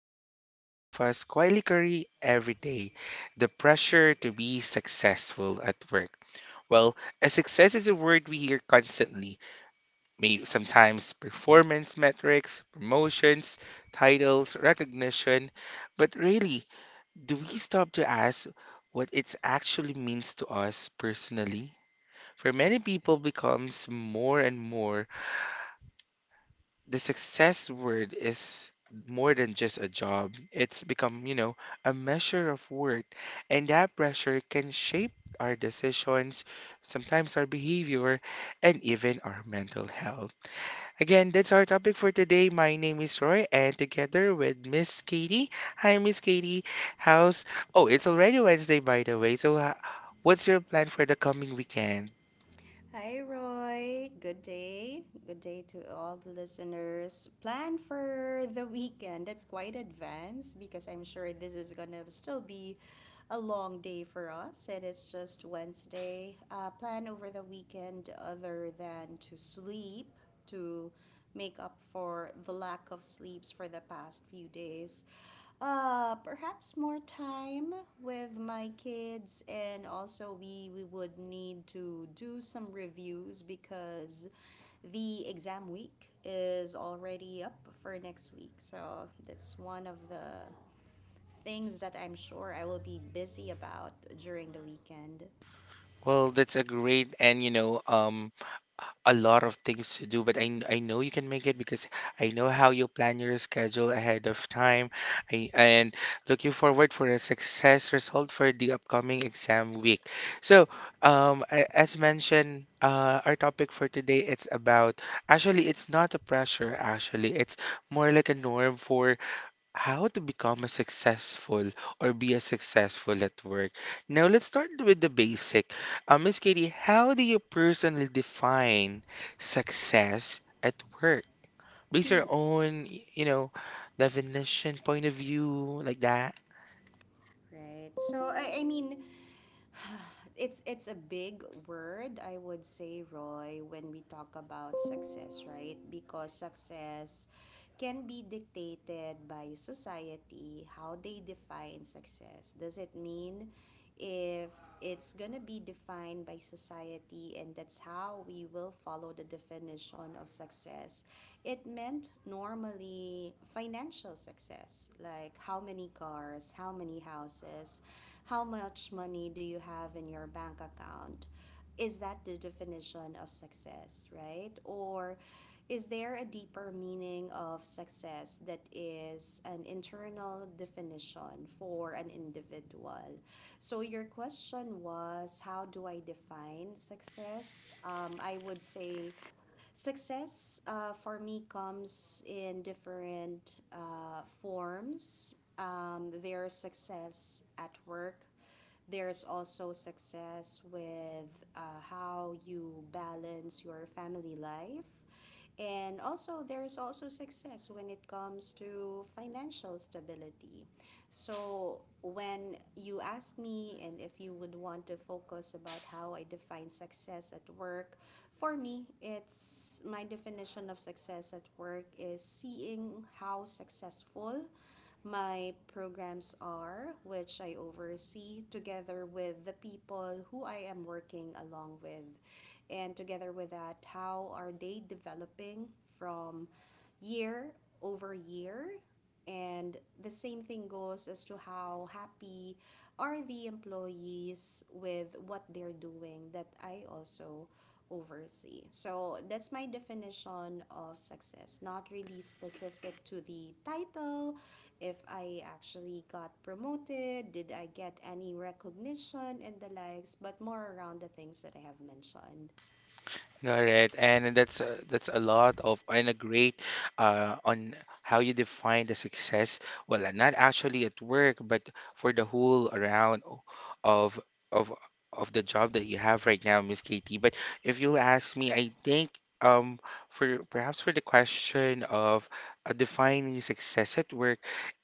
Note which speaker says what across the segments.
Speaker 1: something many of us quietly carry every day, the pressure to be successful at work. Well, a success is a word we hear constantly, may sometimes performance metrics, promotions, titles, recognition, but really, do we stop to ask what it actually means to us personally? For many people becomes more and more, the success word is more than just a job. It's become, a measure of worth, and that pressure can shape our decisions, sometimes our behavior, and even our mental health. Again, that's our topic for today. My name is Roy, and together with Miss Katie. Hi, Miss Katie. How's? Oh, it's already Wednesday, by the way. So, what's your plan for the coming weekend?
Speaker 2: Hi, Roy. Good day. Good day to all the listeners. Plan for the weekend. That's quite advanced because I'm sure this is going to still be a long day for us and it's just Wednesday. Plan over the weekend other than to sleep, to make up for the lack of sleeps for the past few days. Perhaps more time with my kids, and also we would need to do some reviews because the exam week is already up for next week. So that's one of the things that I'm sure I will be busy about during the weekend,
Speaker 1: Well, that's a great, and a lot of things to do, but I know you can make it because I know how you plan your schedule ahead of time. I, and looking forward for a success result for the upcoming exam week. So, as mentioned, our topic for today, it's about, actually, it's not a pressure, actually it's more like a norm for how to become a successful or be a successful at work. Now let's start with the basic. Miss Katie, how do you personally define success at work? Base your own, definition, point of view, like that.
Speaker 2: right? So I mean it's a big word, I would say, Roy, when we talk about success, right? Because success can be dictated by society. How they define success. Does it mean if it's gonna be defined by society, and that's how we will follow the definition of success? It meant normally financial success, success like how many cars, how many houses, how much money do you have in your bank account. Is that the definition of success, right? Or is there a deeper meaning of success that is an internal definition for an individual? So your question was, how do I define success? I would say success for me comes in different forms. There's success at work. There's also success with how you balance your family life. And also, there's also success when it comes to financial stability. So, when you ask me, and if you would want to focus about how I define success at work, for me, it's my definition of success at work is seeing how successful my programs are, which I oversee together with the people who I am working along with. And together with that, how are they developing from year over year. And the same thing goes as to how happy are the employees with what they're doing that I also oversee. So that's my definition of success, not really specific to the title, if I actually got promoted, did I get any recognition and the likes, but more around the things that I have mentioned.
Speaker 1: All right, and that's a lot of and a great, on how you define the success. Well, not actually at work, but for the whole around of of of the job that you have right now, Miss Katie. But if you'll ask me, I think, um for perhaps for the question of, defining success at work,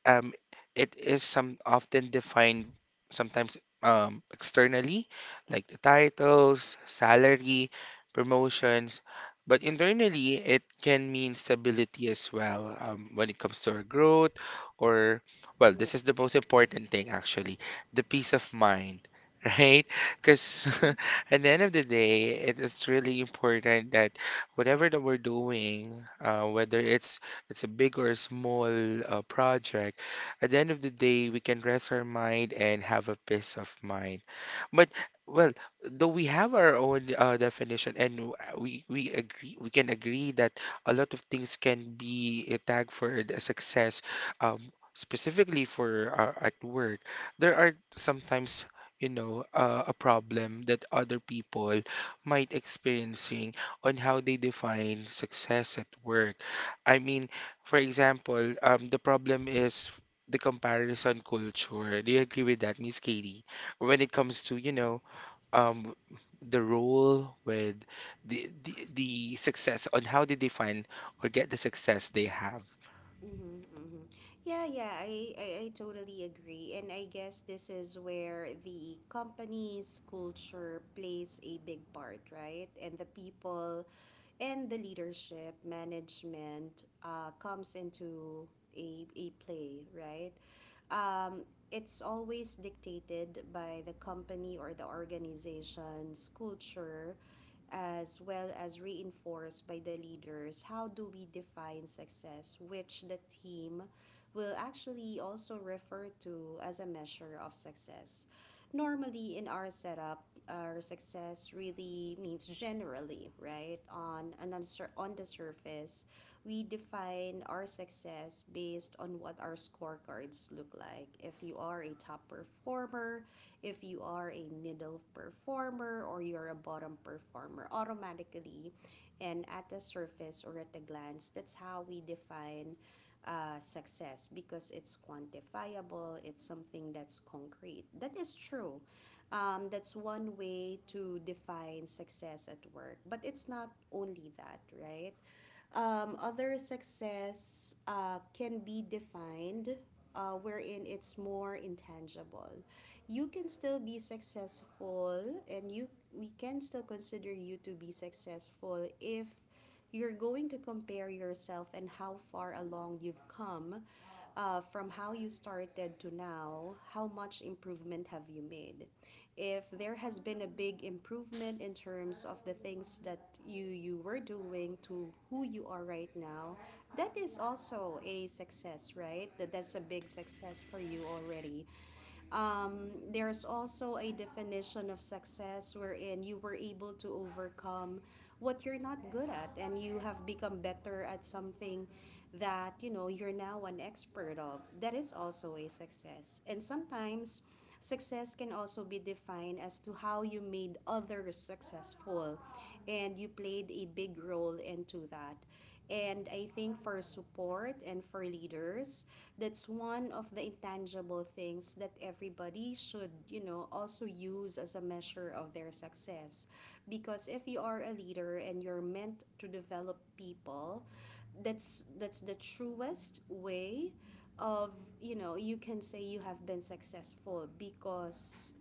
Speaker 1: um, it is some often defined, sometimes externally, like the titles, salary, promotions, but internally it can mean stability as well, when it comes to our growth, or well,
Speaker 2: Yeah.
Speaker 1: this is the most important thing actually, the peace of mind, right? Because at the end of the day, it is really important that whatever that we're doing, whether it's a big or a small, project, at the end of the day we can rest our mind and have a peace of mind. But well, though we have our own, definition, and we agree, we can agree that a lot of things can be, tagged for the success, um, specifically for, at work. There are sometimes, a problem that other people might experiencing on how they define success at work. I mean, for example, the problem is the comparison culture. Do you agree with that, Miss Katie, when it comes to, um the role with the success on how they define or get the success they have.
Speaker 2: Mm-hmm, mm-hmm. Yeah, yeah, I totally agree. And I guess this is where the company's culture plays a big part, right? And the people and the leadership, management, comes into a play, right? Um, it's always dictated by the company or the organization's culture, as well as reinforced by the leaders. How do we define success, which the team will actually also refer to as a measure of success? Normally, in our setup, our success really means, generally, right on and on, on the surface, we define our success based on what our scorecards look like. If you are a top performer, if you are a middle performer, or you're a bottom performer automatically, and at the surface or at a glance, that's how we define success, because it's quantifiable, it's something that's concrete, that is true. That's one way to define success at work, but it's not only that, right? Other success can be defined, wherein it's more intangible. You can still be successful, and you we can still consider you to be successful if you're going to compare yourself and how far along you've come, from how you started to now, how much improvement have you made? If there has been a big improvement in terms of the things that you were doing to who you are right now. That is also a success, right? That's a big success for you already. There's also a definition of success wherein you were able to overcome what you're not good at, and you have become better at something that you're now an expert of. That is also a success. And sometimes success can also be defined as to how you made others successful and you played a big role into that. And I think for support and for leaders, that's one of the intangible things that everybody should also use as a measure of their success. Because if you are a leader and you're meant to develop people, that's the truest way of, you can say, you have been successful. Because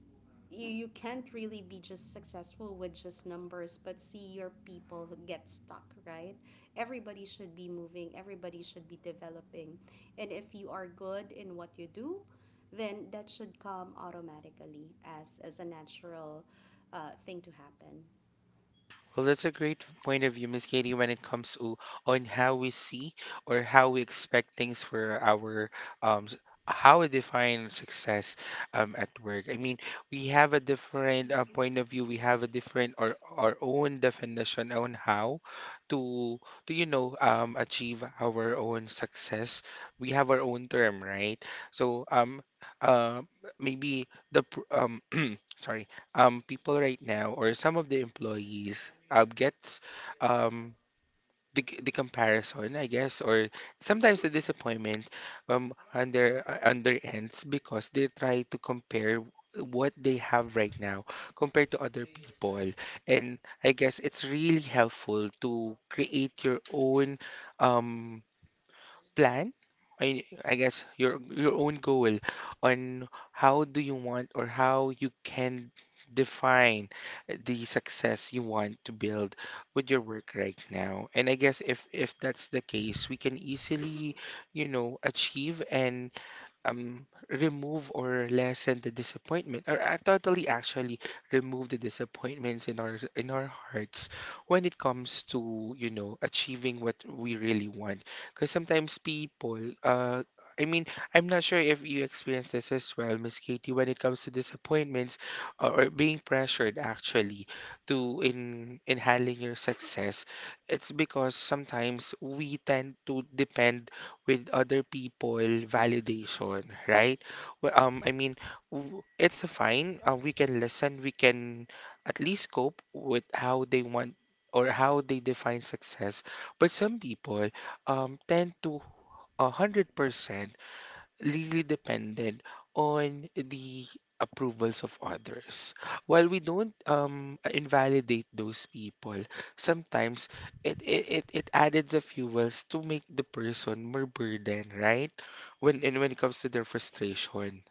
Speaker 2: you can't really be just successful with just numbers, but see your people get stuck, right? Everybody should be moving, everybody should be developing, and if you are good in what you do, then that should come automatically as a natural thing to happen.
Speaker 1: Well, that's a great point of view, Miss Katie, when it comes to on how we see or how we expect things for our, um s- how we define success, um, at work. I mean, we have a different, point of view. We have a different, or our own definition on how to to, achieve our own success. We have our own term, right? So uh maybe the pr- sorry, people right now, or some of the employees, gets, um, the, the comparison, I guess, or sometimes the disappointment, on their ends because they try to compare what they have right now compared to other people. And I guess it's really helpful to create your own, um, plan, I guess your own goal on how do you want or how you can define the success you want to build with your work right now. And I guess if that's the case, we can easily, achieve and remove or lessen the disappointment, or totally actually remove the disappointments in our hearts when it comes to, achieving what we really want. Because sometimes people I mean, I'm not sure if you experience this as well, Miss Katie, when it comes to disappointments, or being pressured actually to in handling your success. It's because sometimes we tend to depend with other people validation, right? Well, I mean, it's fine. We can listen. We can at least cope with how they want or how they define success. But some people tend to 100% really depended on the approvals of others. While we don't, invalidate those people, sometimes it added the fuels to make the person more burdened, right? When and when it comes to their frustration.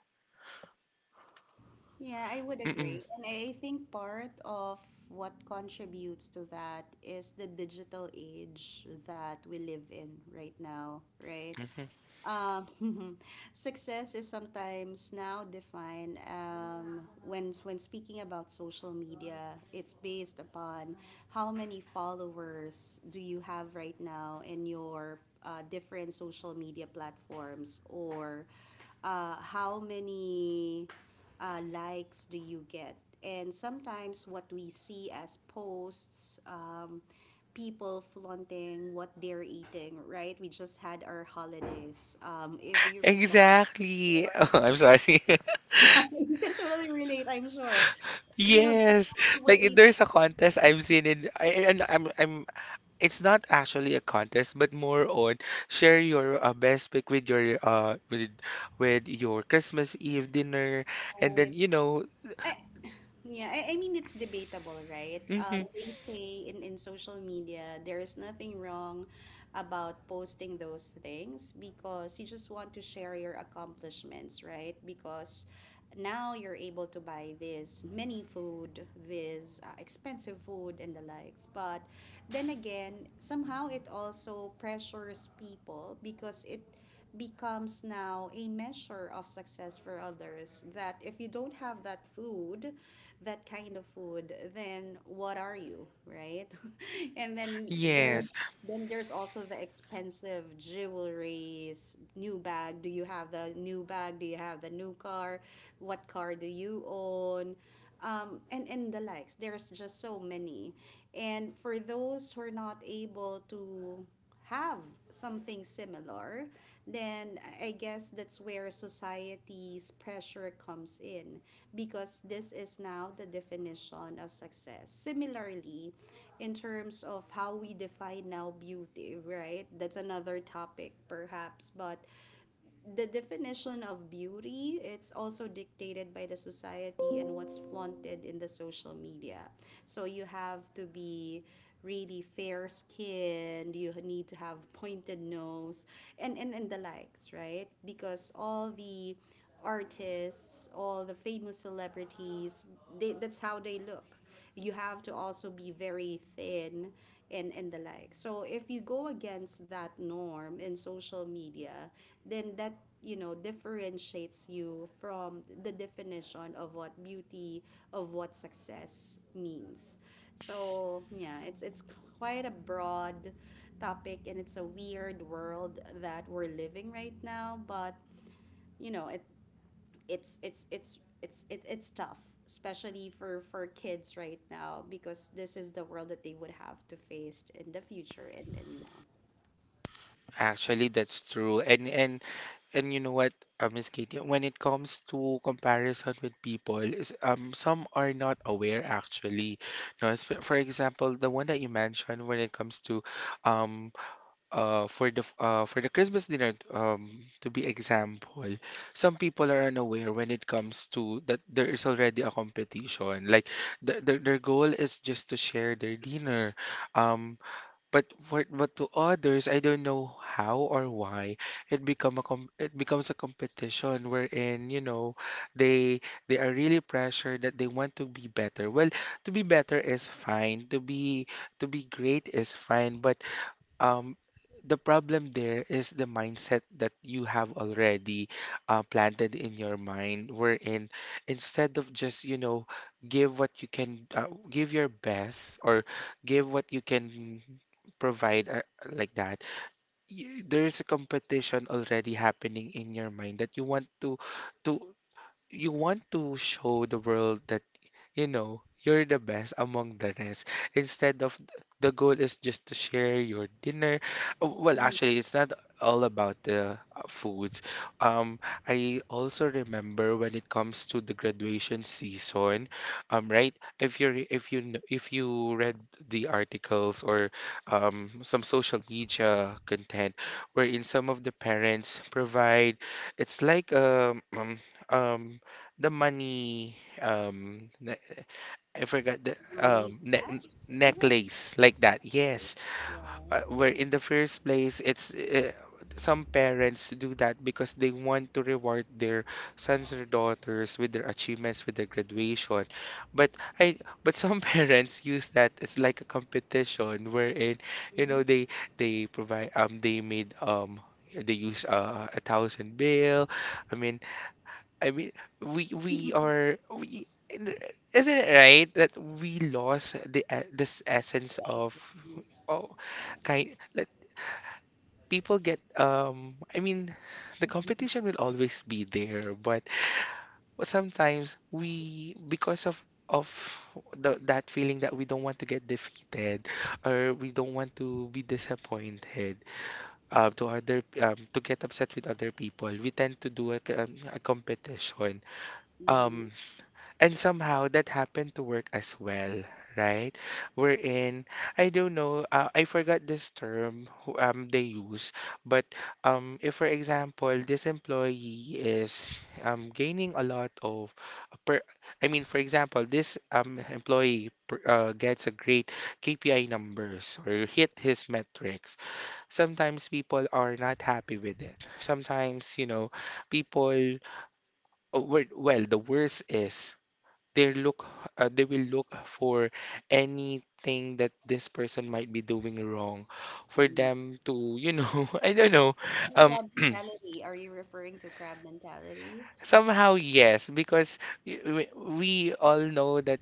Speaker 2: Yeah, I would
Speaker 1: Mm-mm.
Speaker 2: agree, and I think part of what contributes to that is the digital age that we live in right now, right?
Speaker 1: Mhm.
Speaker 2: Um, Success is sometimes now defined when speaking about social media. It's based upon how many followers do you have right now in your different social media platforms, or how many likes do you get? And sometimes what we see as posts, people flaunting what they're eating, right? We just had our holidays. If you recall,
Speaker 1: Exactly.
Speaker 2: sure.
Speaker 1: Oh, I'm sorry.
Speaker 2: You can totally relate, I'm sure.
Speaker 1: Yes,
Speaker 2: People were able to
Speaker 1: like
Speaker 2: eat
Speaker 1: there's a
Speaker 2: the
Speaker 1: contest I've
Speaker 2: food,
Speaker 1: seen in I, and I'm it's not actually a contest, but more on share your, best pick with your Christmas Eve dinner, and then
Speaker 2: right?
Speaker 1: you know,
Speaker 2: I, Yeah, I mean it's debatable, right?
Speaker 1: hmm,
Speaker 2: They say in social media there is nothing wrong about posting those things because you just want to share your accomplishments, right? Because now you're able to buy this many food, this expensive food and the likes. But then again, somehow it also pressures people because it becomes now a measure of success for others. That if you don't have that food, that kind of food, then what are you, right? And then
Speaker 1: yes,
Speaker 2: there's also the expensive jewelries, new bag. Do you have the new bag? Do you have the new car? What car do you own? And the likes. There's just so many. And for those who are not able to have something similar, then I guess that's where society's pressure comes in, because this is now the definition of success. Similarly, in terms of how we define now beauty, right? That's another topic perhaps, but the definition of beauty, it's also dictated by the society and what's flaunted in the social media. So you have to be really fair skinned, you need to have pointed nose, and the likes, right? Because all the artists, all the famous celebrities, that's how they look. You have to also be very thin, and the like. So if you go against that norm in social media, then that differentiates you from the definition of what beauty, of what success means. So yeah, it's quite a broad topic, and it's a weird world that we're living right now. But it it's it, it's tough, especially for kids right now, because this is the world that they would have to face in the future, and now.
Speaker 1: actually that's true, and you know what, Miss Katie, when it comes to comparison with people, is, some are not aware actually. No, it's- for example, the one that you mentioned when it comes to, um uh, for the Christmas dinner, to be example, some people are unaware when it comes to that there is already a competition. Like the, their goal is just to share their dinner. Um, but for, but to others, I don't know how or why it become a com, it becomes a competition wherein, they they are really pressured that they want to be better. Well, to be better is fine. To be, to be great is fine, but, um, the problem there is the mindset that you have already, planted in your mind, wherein instead of just, you know, give what you can, give your best or give what you can provide, like that, there is a competition already happening in your mind that you want to, you want to show the world that, you know, you're the best among the rest. Instead of, the goal is just to share your dinner. Oh, well,
Speaker 2: Mhm.
Speaker 1: actually, it's not all about the, foods. Um, I also remember when it comes to the graduation season, right? If you if you read the articles or, some social media content wherein some of the parents provide, it's like um, um, the money, um na- I forgot the
Speaker 2: The money is
Speaker 1: ne
Speaker 2: cash. Is it?
Speaker 1: necklace, like that. Yes,
Speaker 2: Yeah.
Speaker 1: where in the first place, it's, some parents do that because they want to reward their sons or daughters with their achievements with their graduation. But I but some parents use that as like a competition wherein, you
Speaker 2: Mhm.
Speaker 1: know, they provide, they use, a 1,000 bill. I mean I mean, we isn't it right that we lost the this essence
Speaker 2: Yes,
Speaker 1: of,
Speaker 2: it is.
Speaker 1: oh,
Speaker 2: Yeah.
Speaker 1: kind, let people get um, I mean, the competition will always be there, but sometimes we, because of, the, that feeling that we don't want to get defeated or we don't want to be disappointed to other, to get upset with other people, we tend to do a, a competition,
Speaker 2: Mm-hmm.
Speaker 1: um. And somehow that happened to work as well, right? Wherein, I don't know, I forgot this term they use, but, if, for example, this employee is, gaining a lot of, per, I mean, for example, this, employee per, gets a great KPI numbers or hit his metrics, sometimes people are not happy with it. Sometimes, you know, people, oh, well, the worst is they look, they will look for anything that this person might be doing wrong for them to, you know, I don't know um
Speaker 2: Crab mentality? Are you referring to crab mentality?
Speaker 1: somehow yes because y- we we all know that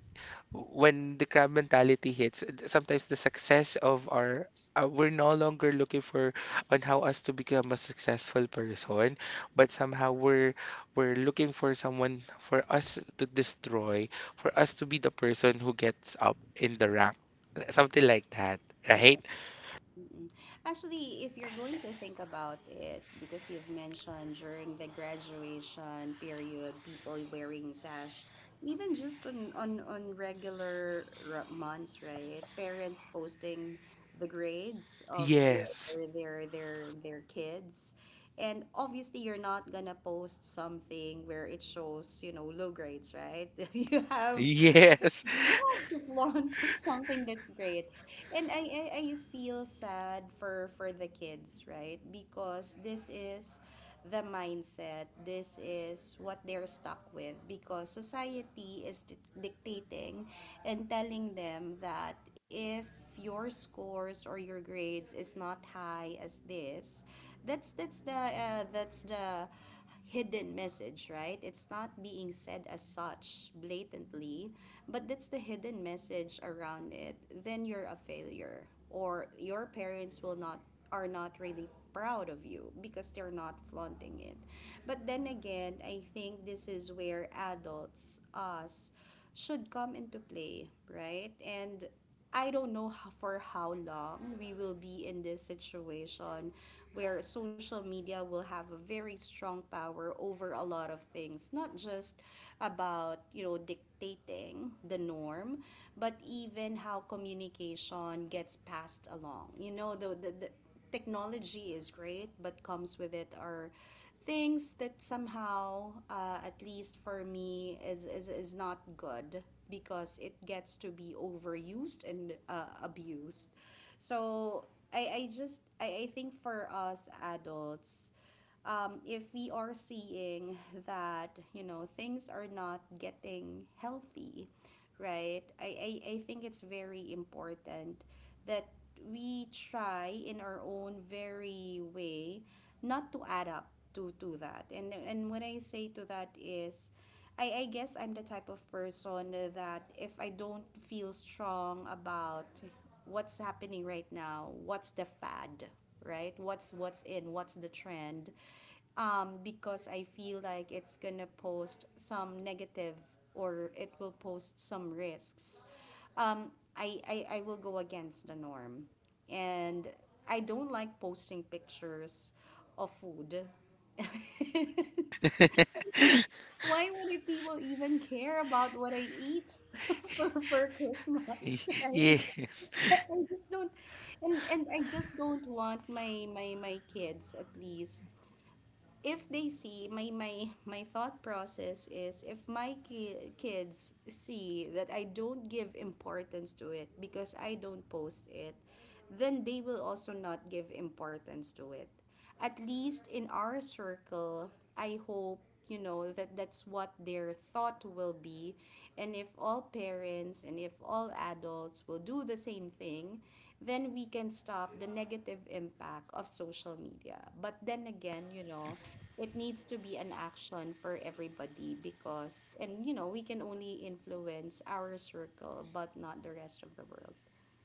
Speaker 1: when the crab mentality hits, sometimes the success of our, we're no longer looking for on how us to become a successful person, but somehow we're looking for someone for us to destroy, for us to be the person who gets up in the rank. Something like that, right?
Speaker 2: Mm-mm. Actually, if you're going to think about it, because you've mentioned during the graduation period, people wearing sash, even just on regular months, right? Parents posting the grades of
Speaker 1: Yes,
Speaker 2: their kids. And obviously, you're not gonna post something where it shows low grades, right? You have
Speaker 1: yes,
Speaker 2: you have learned something that's great. And I feel sad for the kids, right? Because this is the mindset, this is what they're stuck with because society is dictating and telling them that if your scores or your grades is not high as this, that's the hidden message, right? It's not being said as such blatantly, but that's the hidden message around it. Then you're a failure, or your parents will not, are not really proud of you because they're not flaunting it. But then again, I think this is where adults, us, should come into play, right? And I don't know for how long we will be in this situation where social media will have a very strong power over a lot of things, not just about, dictating the norm, but even how communication gets passed along. The technology is great, but comes with it are things that somehow, at least for me, is not good because it gets to be overused and abused. So I think for us adults, if we are seeing that you know things are not getting healthy, right? I think it's very important that we try in our own very way not to add up to that, and what I say to that is I guess I'm the type of person that if I don't feel strong about what's happening right now, what's the fad, right? What's in, what's the trend? Because I feel like it's gonna post some negative or it will post some risks. Um, I will go against the norm. And I don't like posting pictures of food. Because why would people even care about what I eat for Christmas, right?
Speaker 1: yeah.
Speaker 2: I just don't, and I just don't want my kids, at least if they see my thought process is if my kids see that I don't give importance to it because I don't post it, then they will also not give importance to it, at least in our circle, I hope, you know. That that's what their thought will be, and if all parents and if all adults will do the same thing, then we can stop the negative impact of social media. But then again, you know, it needs to be an action for everybody. Because, and you know, we can only influence our circle but not the rest of the world.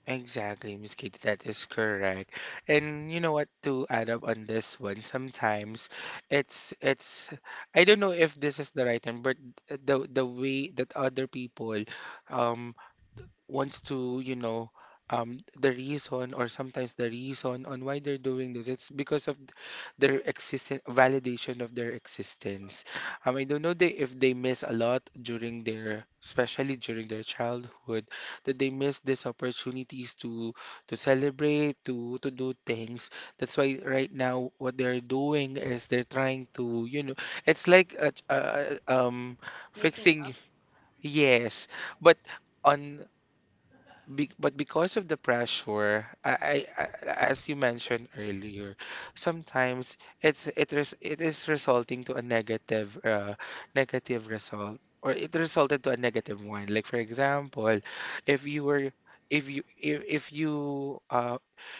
Speaker 1: Exactly, Miss Katie, that is correct. And you know what, to add up on this one, sometimes it's I don't know if this is the right term, but the way that other people um wants to, you know, the reason, or sometimes the reason on why they're doing this, it's because of their existence, validation of their existence. I don't know if they miss a lot during their, especially during their childhood, that they miss these opportunities to celebrate, to do things. That's why right now what they're doing is they're trying to, you know, it's like a
Speaker 2: Making up.
Speaker 1: fixing, yes, but on be but because of the pressure, I, as you mentioned earlier, sometimes it is resulting to a negative result, or it resulted to a negative one. Like for example, if you were if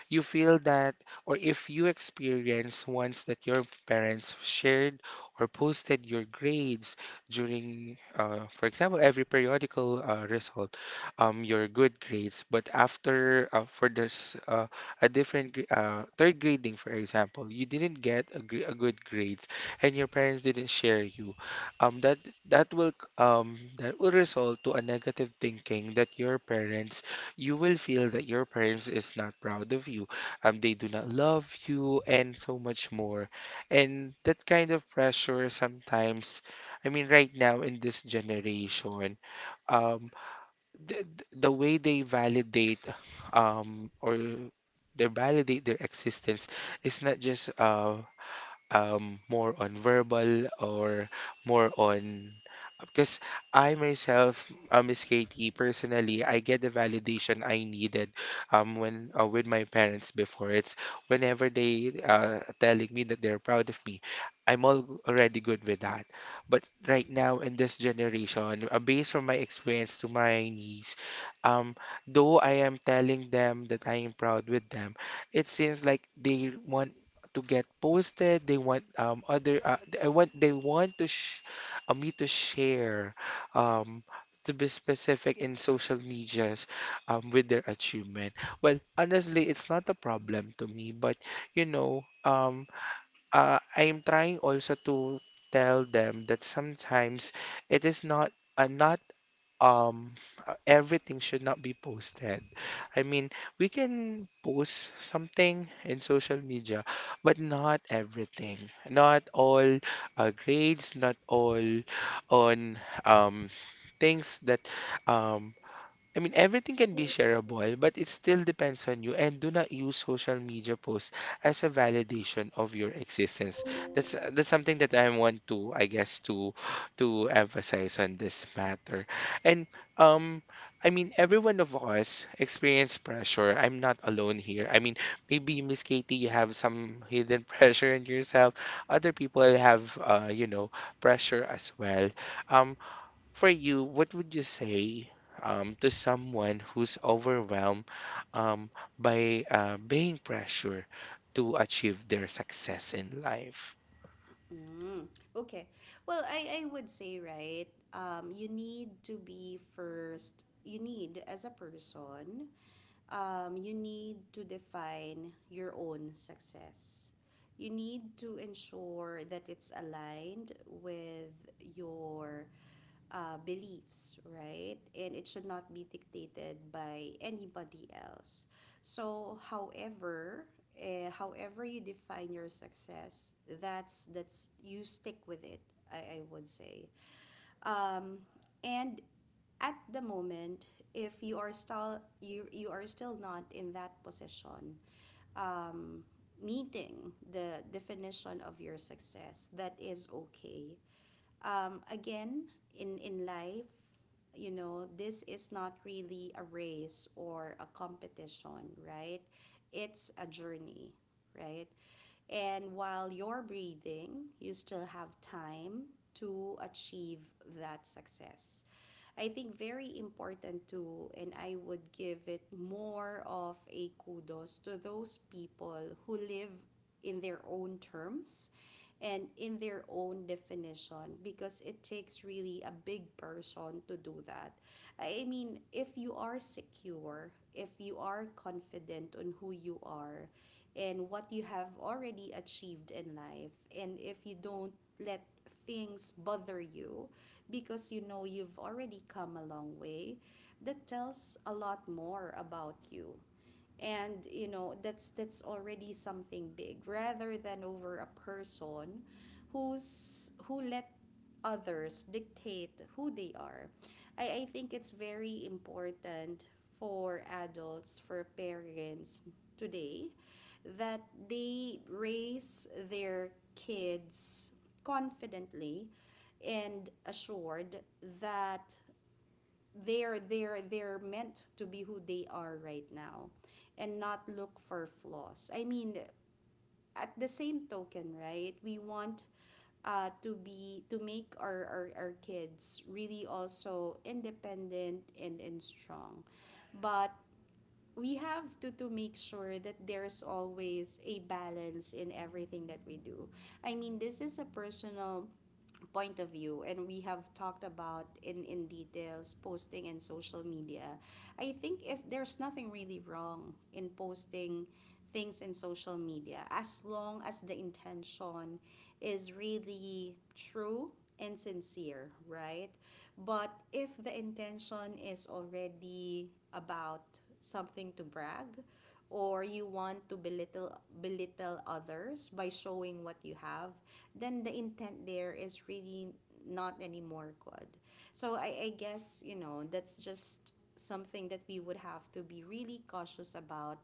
Speaker 1: you feel that, or if you experience once that your parents shared or posted your grades during for example every periodical result, your good grades, but after for this a third grading for example, you didn't get a a good grades, and your parents didn't share you that, that will that will result to a negative thinking that your parents you will feel that your parents is not proud of you, they do not love you and so much more. And that kind of pressure sometimes, I mean right now in this generation, um the, the way they validate or they validate their existence is not just more on verbal or more on, because I myself, Miss Katie, personally, I get the validation I needed when with my parents before. It's whenever they telling me that they're proud of me, I'm all already good with that. But right now in this generation, based from my experience to my niece, um, though I am telling them that I am proud with them, it seems like they want to get posted. They want other th- I want they want to sh me to share um to be specific in social medias with their achievement. Well, honestly, it's not a problem to me, but you know, I am trying also to tell them that sometimes it is not uh, not um everything should not be posted. I mean, we can post something in social media, but not everything. Not all grades, not all on um things that um I mean, everything can be shareable, but it still depends on you. And do not use social media posts as a validation of your existence. That's something that I want to, I guess, to emphasize on this matter. And um, I mean, every one of us experience pressure. I'm not alone here. I mean, maybe Miss Katie, you have some hidden pressure in yourself. Other people have, you know, pressure as well. Um, for you, what would you say, to someone who's overwhelmed, um, by being pressure to achieve their success in life?
Speaker 2: Mm, okay. Well, I would say, right, you need to be first, you need as a person, you need to define your own success. You need to ensure that it's aligned with your beliefs, right? And it should not be dictated by anybody else. So, however, however you define your success, that's you stick with it. I would say, um, and at the moment, if you are still you are still not in that position, um, meeting the definition of your success, that is okay. Again, in life, you know, this is not really a race or a competition, right? It's a journey, right? And while you're breathing, you still have time to achieve that success. I think very important too, and I would give it more of a kudos to those people who live in their own terms and in their own definition, because it takes really a big person to do that. I mean, if you are secure, if you are confident on who you are and what you have already achieved in life, and if you don't let things bother you because you know you've already come a long way, that tells a lot more about you. And you know that's already something big rather than over a person who's who let others dictate who they are. I think it's very important for adults, for parents today, that they raise their kids confidently and assured that they're meant to be who they are right now, and not look for flaws. I mean, at the same token, right, we want to be to make our kids really also independent and strong. But we have to make sure that there's always a balance in everything that we do. I mean, this is a personal point of view, and we have talked about in details posting and social media. I think if there's nothing really wrong in posting things in social media as long as the intention is really true and sincere, right? But if the intention is already about something to brag or you want to belittle others by showing what you have, then the intent there is really not anymore good. So I guess, you know, that's just something that we would have to be really cautious about.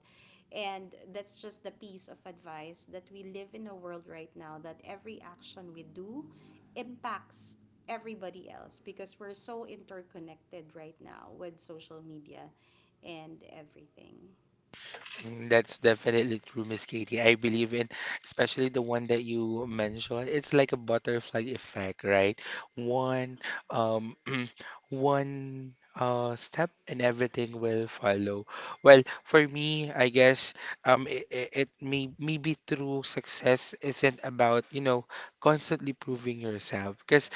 Speaker 2: And that's just the piece of advice, that we live in a world right now that every action we do impacts everybody else because we're so interconnected right now with social media and everything.
Speaker 1: Mm, that's definitely true, Miss Katie. I believe in, especially the one that you mentioned, it's like a butterfly effect, right? One, um, one step and everything will follow. Well, for me, I guess, it maybe true success isn't about, you know, constantly proving yourself. Because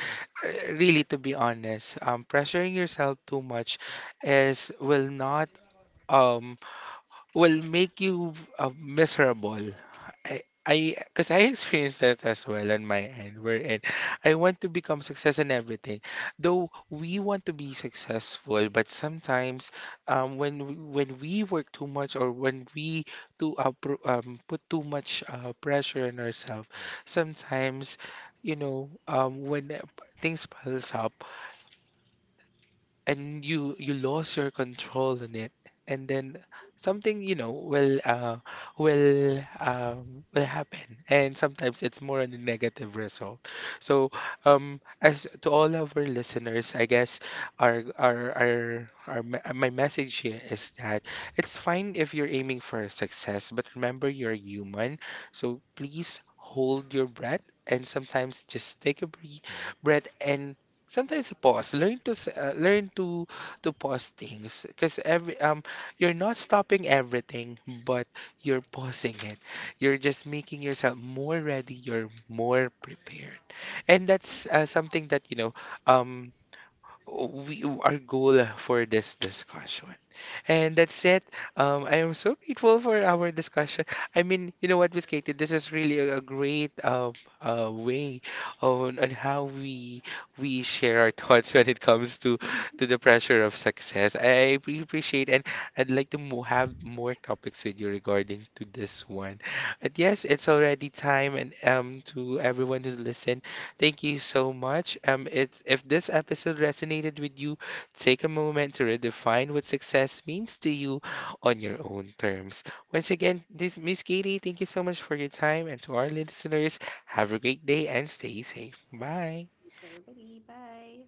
Speaker 1: really, to be honest, pressuring yourself too much is will not um will make you miserable. Because I experienced that as well on my end, wherein I want to become success in everything. Though we want to be successful, but sometimes, when when we work too much, or when we put too much pressure on ourselves, sometimes, you know, things piles up, and you lost your control on it, and then something, you know, will will happen, and sometimes it's more on a negative result. So as to all of our listeners, I guess, our our our, my message here is that it's fine if you're aiming for success, but remember, you're human. So please hold your breath and sometimes just take a breath, and sometimes pause. Learn to learn to pause things, because every you're not stopping everything, but you're pausing it. You're just making yourself more ready, you're more prepared. And that's something that, you know, um we our goal for this discussion. And that's it. I am so grateful for our discussion. I mean, you know what, Miss Katie, this is really a great way on how we share our thoughts when it comes to the pressure of success. I really appreciate, and I'd like to mo have more topics with you regarding to this one. But yes, it's already time, and to everyone who's listening, thank you so much. It's if this episode resonated with you, take a moment to redefine what success means to you on your own terms. Once again, this Miss Katie, thank you so much for your time, and to our listeners, have a great day and stay safe. Bye.
Speaker 2: It's everybody. Bye.